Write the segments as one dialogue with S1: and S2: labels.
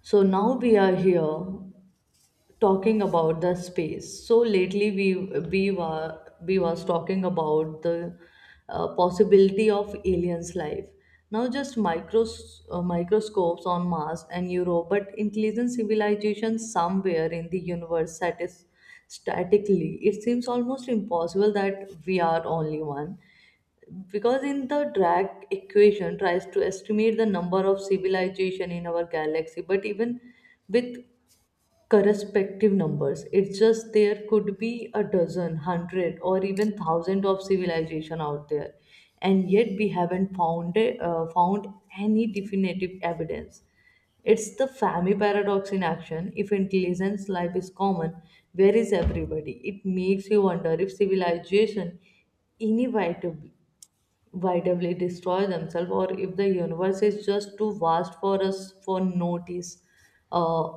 S1: So now we are here talking about the space. So lately we was talking about the possibility of aliens life. Now just microscopes on Mars and Europe, but intelligent civilization somewhere in the universe statically. It seems almost impossible that we are only one, because in the drag equation tries to estimate the number of civilization in our galaxy. But even with correspective numbers, it's just there could be a dozen hundred or even thousand of civilization out there, and yet we haven't found any definitive evidence. It's the Fermi paradox in action. If intelligence life is common, where is everybody? It makes you wonder if civilization inevitably vitally destroy themselves, or if the universe is just too vast for us for notice uh,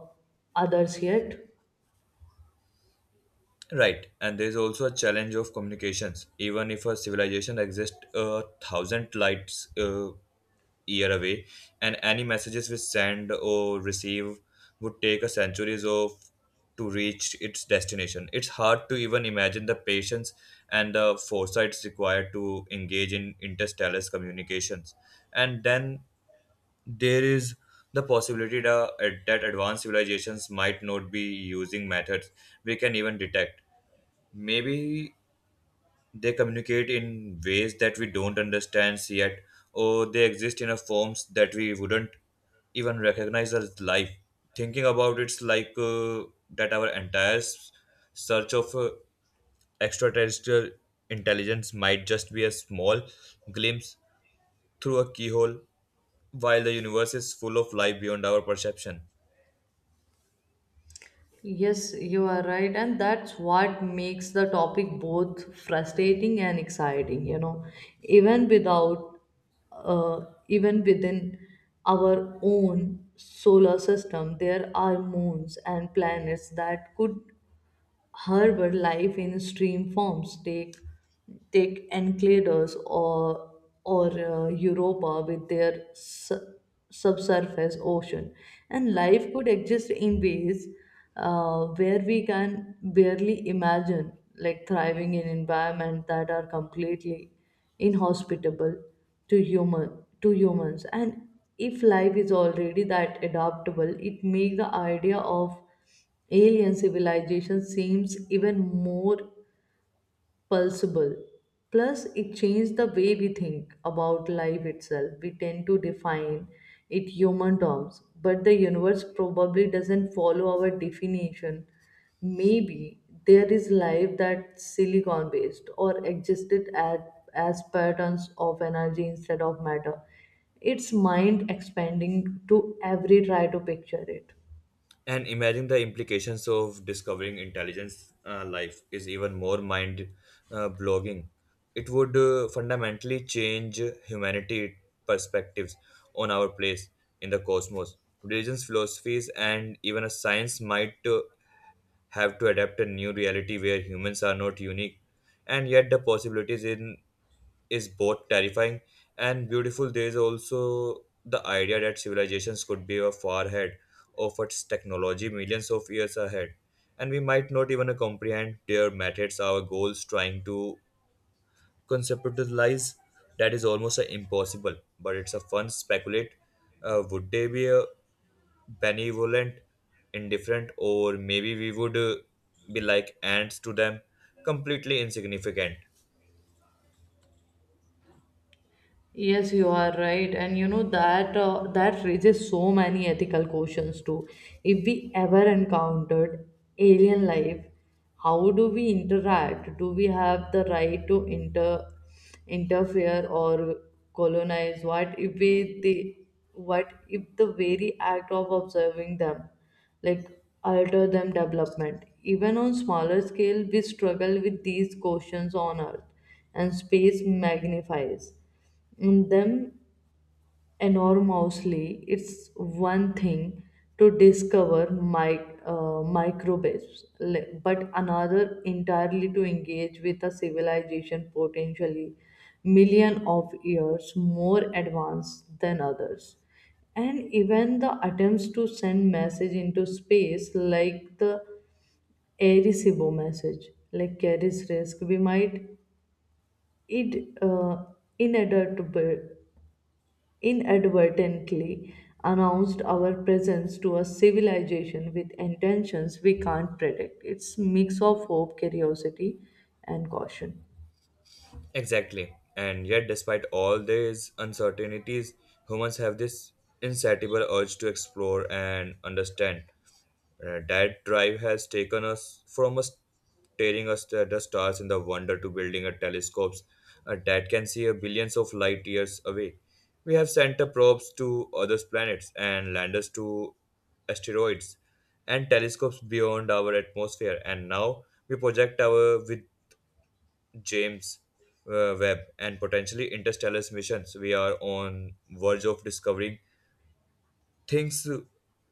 S1: others yet.
S2: Right, and there is also a challenge of communications. Even if a civilization exists a thousand lights year away, and any messages we send or receive would take a centuries of to reach its destination. It's hard to even imagine the patience and the foresight required to engage in interstellar communications. And then there is the possibility that advanced civilizations might not be using methods we can even detect. Maybe they communicate in ways that we don't understand yet, or they exist in a forms that we wouldn't even recognize as life. Thinking about it's like that our entire search of extraterrestrial intelligence might just be a small glimpse through a keyhole, while the universe is full of life beyond our perception.
S1: Yes, you are right, and that's what makes the topic both frustrating and exciting. Even without uh, even within our own solar system there are moons and planets that could Herbalife in stream forms. Take Encladus, or Europa, with their subsurface ocean, and life could exist in ways where we can barely imagine, like thriving in environments that are completely inhospitable to humans. And if life is already that adaptable, it makes the idea of alien civilization seems even more plausible. Plus, it changed the way we think about life itself. We tend to define it human terms, but the universe probably doesn't follow our definition. Maybe there is life that's silicon based or existed at, as patterns of energy instead of matter. It's mind expanding to every try to picture it.
S2: And imagine the implications of discovering intelligence life is even more mind blogging. It would fundamentally change humanity perspectives on our place in the cosmos. Religions, philosophies, and even a science might have to adapt a new reality where humans are not unique, and yet the possibilities in is both terrifying and beautiful. There is also the idea that civilizations could be far ahead of its technology millions of years ahead, and we might not even comprehend their methods, our goals, trying to conceptualize that is almost impossible, but it's a fun speculate. Would they be benevolent, indifferent, or maybe we would be like ants to them, completely insignificant?
S1: Yes, you are right, and you know that raises so many ethical questions too. If we ever encountered alien life, how do we interact? Do we have the right to interfere or colonize? What if the very act of observing them, like alter them development? Even on smaller scale, we struggle with these questions on Earth, and space magnifies. And them enormously. It's one thing to discover microbes, but another entirely to engage with a civilization potentially million of years more advanced than others. And even the attempts to send message into space, like the Arecibo message, like carries risk. We might it inadvertently inadvertently announced our presence to a civilization with intentions we can't predict. It's mix of hope, curiosity, and caution.
S2: Exactly. And yet, despite all these uncertainties, humans have this insatiable urge to explore and understand. That drive has taken us from us staring us at the stars in the wonder to building a telescopes that can see a billions of light years away. We have sent the probes to other planets and landers to asteroids and telescopes beyond our atmosphere. And now we project our with James Webb and potentially interstellar missions, we are on verge of discovering things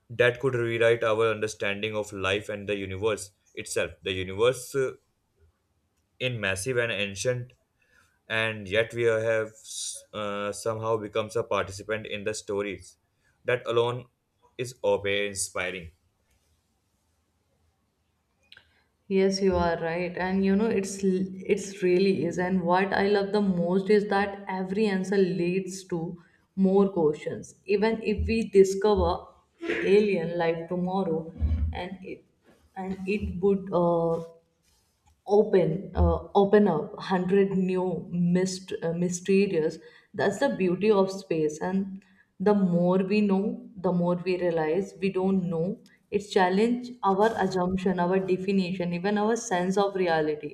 S2: that could rewrite our understanding of life and the universe itself. The universe in massive and ancient, and yet we have somehow becomes a participant in the stories. That alone is awe inspiring.
S1: Yes, you are right, and you know it's really is. And what I love the most is that every answer leads to more questions. Even if we discover alien life tomorrow, and it and it would open up 100 new mysterious. That's the beauty of space. And the more we know, the more we realize we don't know. It challenge our assumption, our definition, even our sense of reality,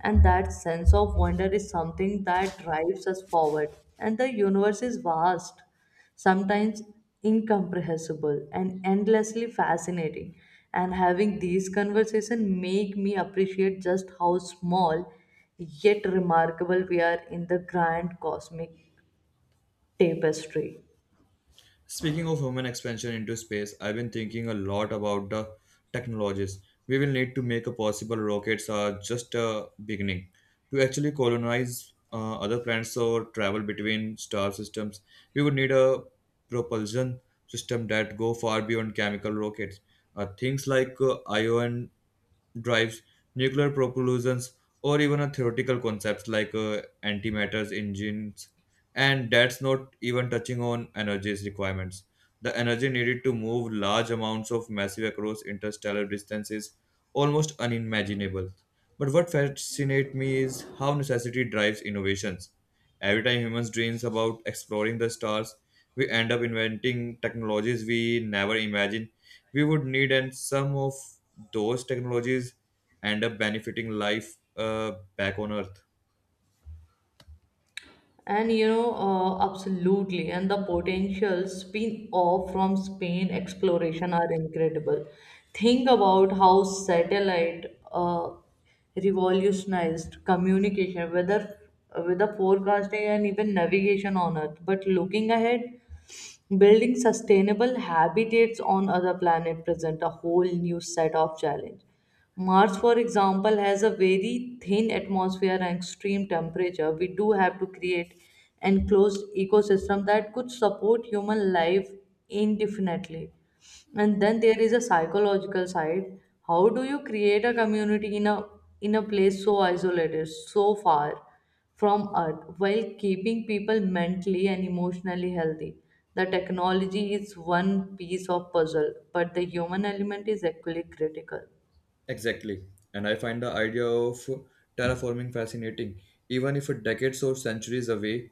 S1: and that sense of wonder is something that drives us forward. And the universe is vast, sometimes incomprehensible, and endlessly fascinating. And having these conversations make me appreciate just how small yet remarkable we are in the grand cosmic tapestry.
S2: Speaking of human expansion into space, I've been thinking a lot about the technologies we will need to make a possible rockets are just a beginning to actually colonize other planets or travel between star systems. We would need a propulsion system that go far beyond chemical rockets. Things like ion drives, nuclear propulsions, or even a theoretical concepts like antimatters engines. And that's not even touching on energy's requirements. The energy needed to move large amounts of massive across interstellar distances almost unimaginable. But what fascinates me is how necessity drives innovations. Every time humans dreams about exploring the stars, we end up inventing technologies we never imagined we would need, and some of those technologies end up benefiting life back on Earth.
S1: And you know, absolutely. And the potential spin off from Spain exploration are incredible. Think about how satellite revolutionized communication, whether forecasting, and even navigation on Earth. But looking ahead, building sustainable habitats on other planets present a whole new set of challenge. Mars, for example, has a very thin atmosphere and extreme temperature. We do have to create enclosed ecosystem that could support human life indefinitely. And then there is a psychological side. How do you create a community in a place so isolated, so far from Earth, while keeping people mentally and emotionally healthy? The technology is one piece of puzzle, but the human element is equally critical.
S2: Exactly. And I find the idea of terraforming fascinating. Even if decades or centuries away,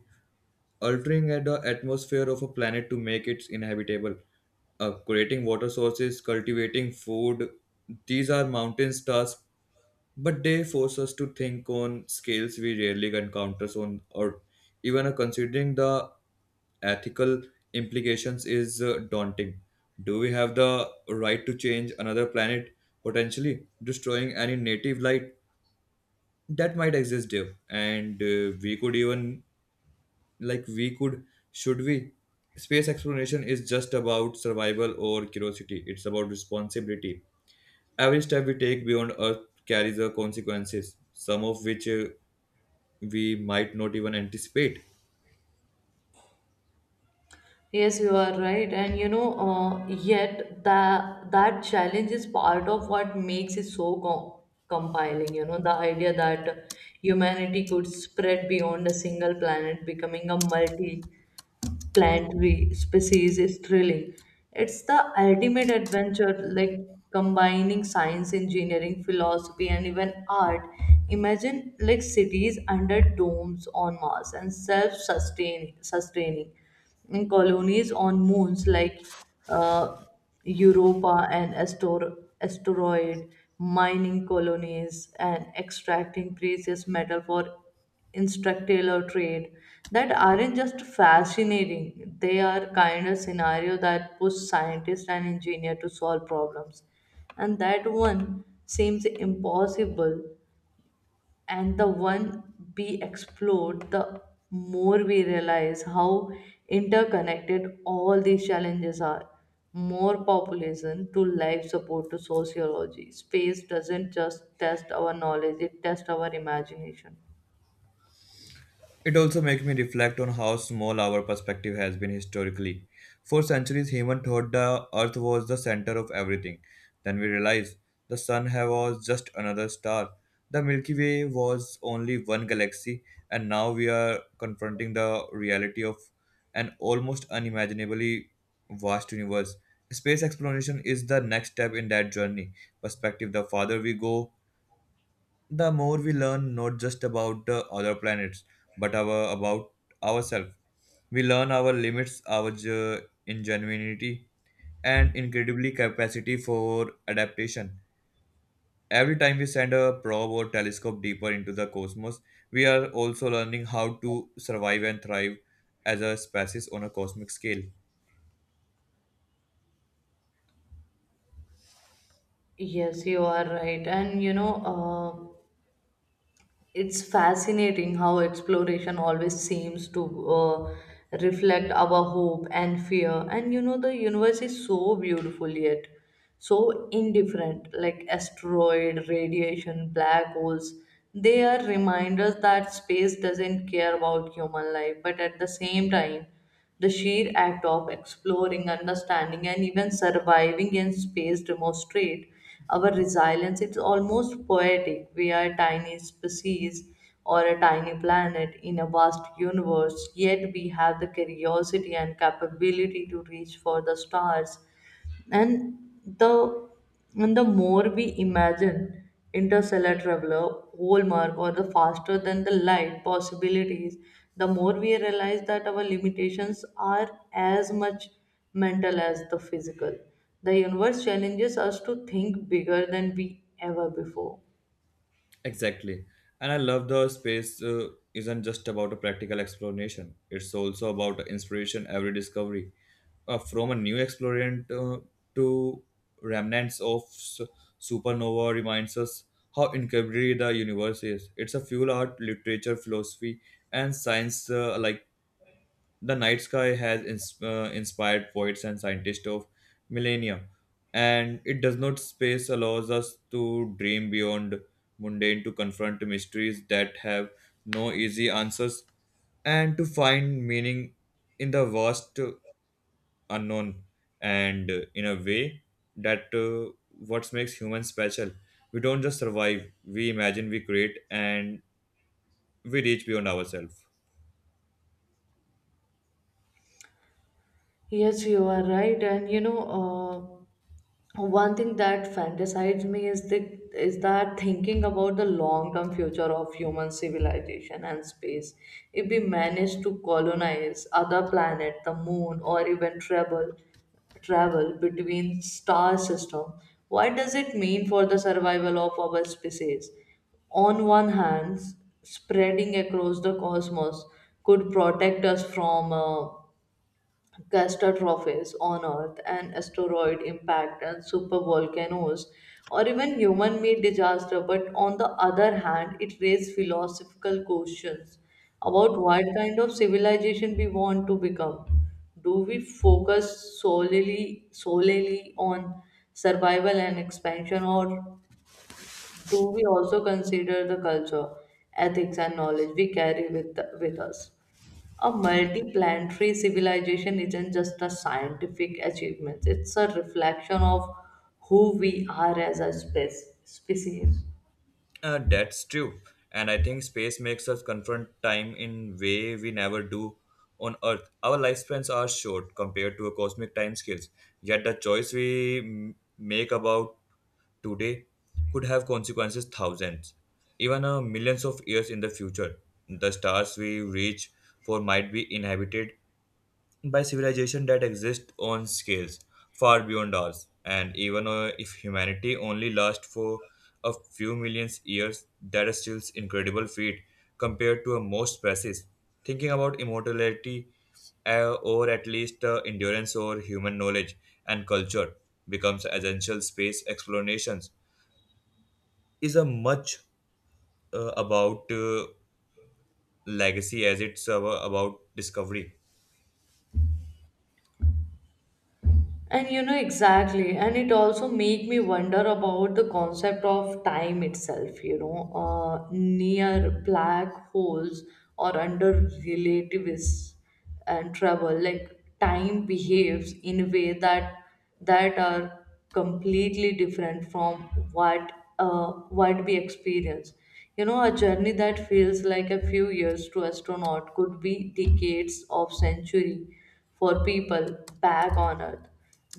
S2: altering the atmosphere of a planet to make it inhabitable, creating water sources, cultivating food, these are mountains tasks. But they force us to think on scales we rarely encounter on or even considering the ethical implications is daunting. Do we have the right to change another planet, potentially destroying any native life that might exist there? And we could even, like, we could, should we? Space exploration is just about survival or curiosity, it's about responsibility. Every step we take beyond Earth carries a consequences, some of which we might not even anticipate.
S1: Yes, you are right, and you know, yet that challenge is part of what makes it so compiling. You know, the idea that humanity could spread beyond a single planet, becoming a multi plant we species is thrilling. It's the ultimate adventure, like combining science, engineering, philosophy, and even art. Imagine like cities under domes on Mars, and self-sustaining, sustaining in colonies on moons like uh, Europa, and asteroid mining colonies, and extracting precious metal for instructional trade. That aren't just fascinating, they are kind of scenario that push scientists and engineers to solve problems, and that one seems impossible. And the one we explored, the more we realize how interconnected all these challenges are, more population to life support to sociology. Space doesn't just test our knowledge, it tests our imagination.
S2: It also makes me reflect on how small our perspective has been historically. For centuries, humans thought the earth was the center of everything. Then we realized the was just another star. The Milky Way was only one galaxy, and now we are confronting the reality of an almost unimaginably vast universe. Space exploration is the next step in that journey. Perspective the farther we go, the more we learn not just about other planets but our about ourselves, we learn our limits our ingenuity and incredibly capacity for adaptation. Every time we send a probe or telescope deeper into the cosmos we are also learning how to survive and thrive as a species on a cosmic scale.
S1: Yes, you are right. And you know, uh, it's fascinating how exploration always seems to reflect our hope and fear. And you know, the universe is so beautiful yet so indifferent, like asteroid, radiation, black holes. They are reminders that space doesn't care about human life, but at the same time, the sheer act of exploring, understanding, and even surviving in space demonstrate our resilience. It's almost poetic. We are a tiny species or a tiny planet in a vast universe, yet we have the curiosity and capability to reach for the stars. And the and the more we imagine interstellar traveler, hallmark, or the faster than the light possibilities, the more we realize that our limitations are as much mental as the physical. The universe challenges us to think bigger than we ever before.
S2: Exactly, and I love the space isn't just about a practical explanation, it's also about inspiration. Every discovery from a new explorant to remnants of supernova reminds us how incredibly the universe is. It's a fuel art, literature, philosophy, and science. Like the night sky has inspired poets and scientists of millennia, and it does not space allows us to dream beyond mundane, to confront mysteries that have no easy answers, and to find meaning in the vast unknown. And in a way that what makes humans special, we don't just survive, we imagine, we create, and we reach beyond ourselves.
S1: Yes, you are right, and you know. One thing that fantasizes me is that thinking about the long term future of human civilization and space. If we manage to colonize other planet, the moon, or even travel between star system, what does it mean for the survival of our species? On one hand, spreading across the cosmos could protect us from catastrophes on Earth, an asteroid impact, and supervolcanoes, or even human made disaster. But on the other hand, it raises philosophical questions about what kind of civilization we want to become. Do we focus solely on survival and expansion, or do we also consider the culture, ethics, and knowledge we carry with us? A multiplanetary civilization isn't just a scientific achievement, it's a reflection of who we are as a species.
S2: That's true, and I think space makes us confront time in way we never do on earth. Our lifespans are short compared to a cosmic time scales, yet the choice we make about today could have consequences thousands, even millions of years in the future. The stars we reach for might be inhabited by civilizations that exist on scales far beyond ours. And even if humanity only lasts for a few million years, that is still incredible feat compared to most species. Thinking about immortality or at least endurance or human knowledge and culture becomes essential. Space explorations is a much about legacy as it's about discovery.
S1: And you know exactly, and it also make me wonder about the concept of time itself. You know, near black holes or under relativists and travel, like time behaves in a way that are completely different from what what we experience. You know, a journey that feels like a few years to astronaut could be decades of century for people back on Earth.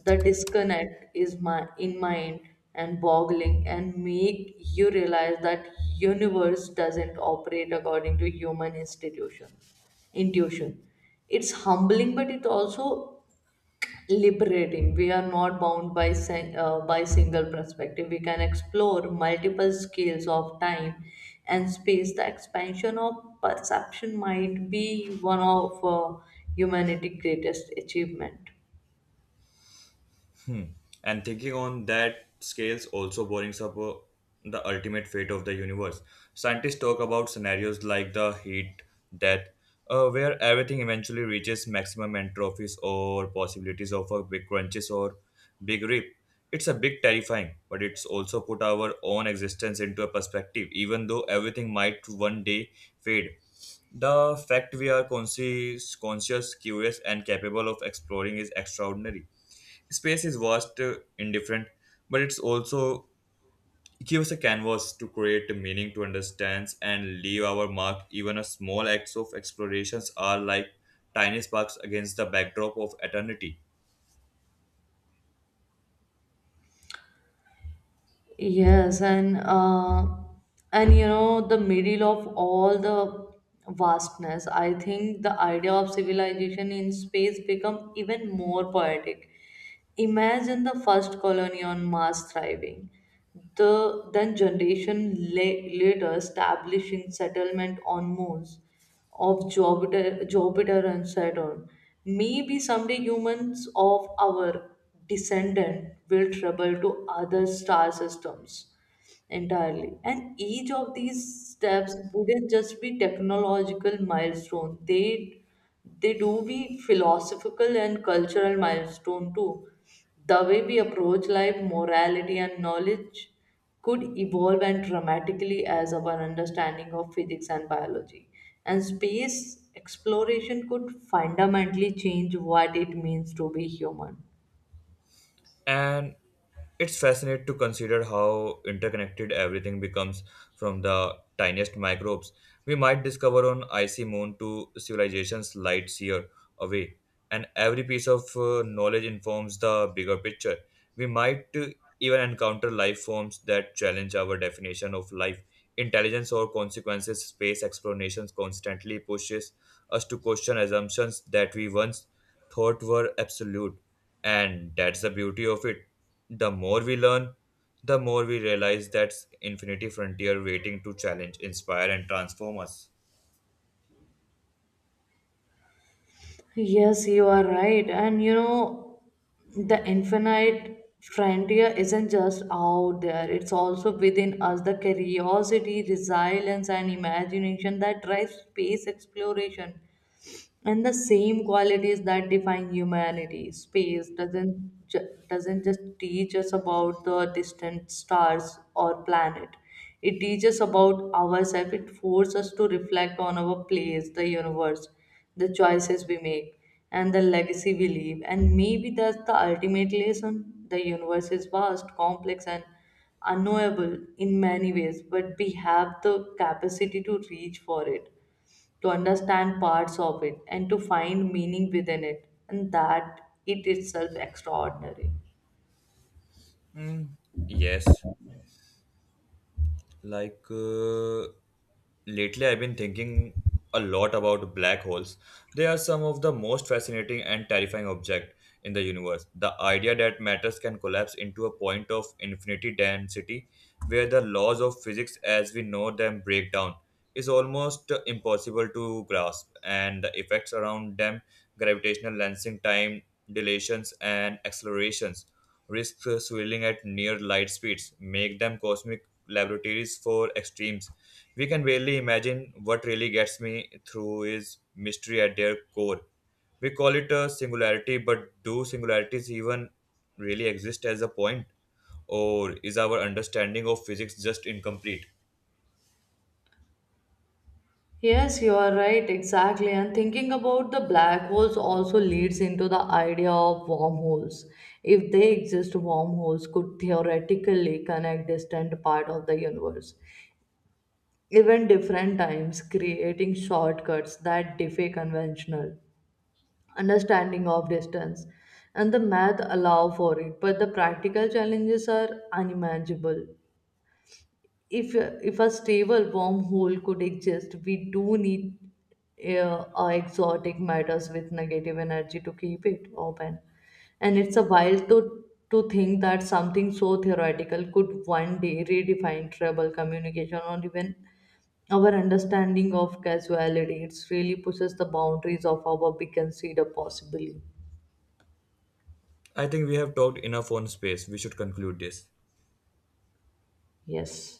S1: The disconnect is my in mind and boggling, and make you realize that universe doesn't operate according to human institution intuition. It's humbling, but it's also liberating. We are not bound by single perspective, we can explore multiple scales of time and space. The expansion of perception might be one of humanity's greatest achievement.
S2: Hmm. And thinking on that scales also brings up the ultimate fate of the universe. Scientists talk about scenarios like the heat death, where everything eventually reaches maximum entrophies or possibilities of a big crunches or big rip. It's a big terrifying, but it's also put our own existence into a perspective, even though everything might one day fade. The fact we are conscious, curious, and capable of exploring is extraordinary. Space is vast, indifferent, but it's also gives a canvas to create a meaning to understand and leave our mark. Even a small acts of explorations are like tiny sparks against the backdrop of eternity.
S1: Yes, and and the middle of all the vastness, I think the idea of civilization in space become even more poetic. Imagine the first colony on Mars thriving, the then generation later establishing settlement on moons, of Jupiter and Saturn. Maybe someday humans of our descendant will travel to other star systems entirely. And each of these steps wouldn't just be technological milestone. They do be philosophical and cultural milestone too. The way we approach life, morality, and knowledge could evolve and dramatically as our understanding of physics and biology. And space exploration could fundamentally change what it means to be human.
S2: And it's fascinating to consider how interconnected everything becomes, from the tiniest microbes we might discover on icy moon to civilizations lights year away. And every piece of knowledge informs the bigger picture. We might even encounter life forms that challenge our definition of life. Intelligence or consequences space explorations constantly pushes us to question assumptions that we once thought were absolute. And that's the beauty of it. The more we learn, the more we realize that's infinity frontier waiting to challenge, inspire, and transform us.
S1: Yes, you are right. And you know, the infinite frontier isn't just out there, it's also within us. The curiosity, resilience, and imagination that drives space exploration, and the same qualities that define humanity. Space doesn't just teach us about the distant stars or planet, it teaches about ourselves. It forces us to reflect on our place the universe, the choices we make, and the legacy we leave. And maybe that's the ultimate lesson. The universe is vast, complex, and unknowable in many ways, but we have the capacity to reach for it, to understand parts of it, and to find meaning within it. And that it itself extraordinary.
S2: Mm, yes. Like lately, I've been thinking a lot about black holes. They are some of the most fascinating and terrifying object in the universe. The idea that matters can collapse into a point of infinity density where the laws of physics as we know them break down is almost impossible to grasp, and the effects around them gravitational lensing, time dilations, and accelerations risks swirling at near light speeds make them cosmic laboratories for extremes. We can barely imagine what really gets me through is mystery at their core. We call it a singularity, but do singularities even really exist as a point? Or is our understanding of physics just incomplete?
S1: Yes, you are right, exactly. And thinking about the black holes also leads into the idea of wormholes. If they exist, wormholes could theoretically connect distant part of the universe, even different times, creating shortcuts that defy conventional understanding of distance. And the math allow for it, but the practical challenges are unimaginable. If if a stable wormhole could exist, we do need exotic matters with negative energy to keep it open. And it's a wild to think that something so theoretical could one day redefine travel, communication, or even our understanding of casuality. It really pushes the boundaries of our we consider possibly.
S2: I think we have talked enough on space. We should conclude this.
S1: Yes.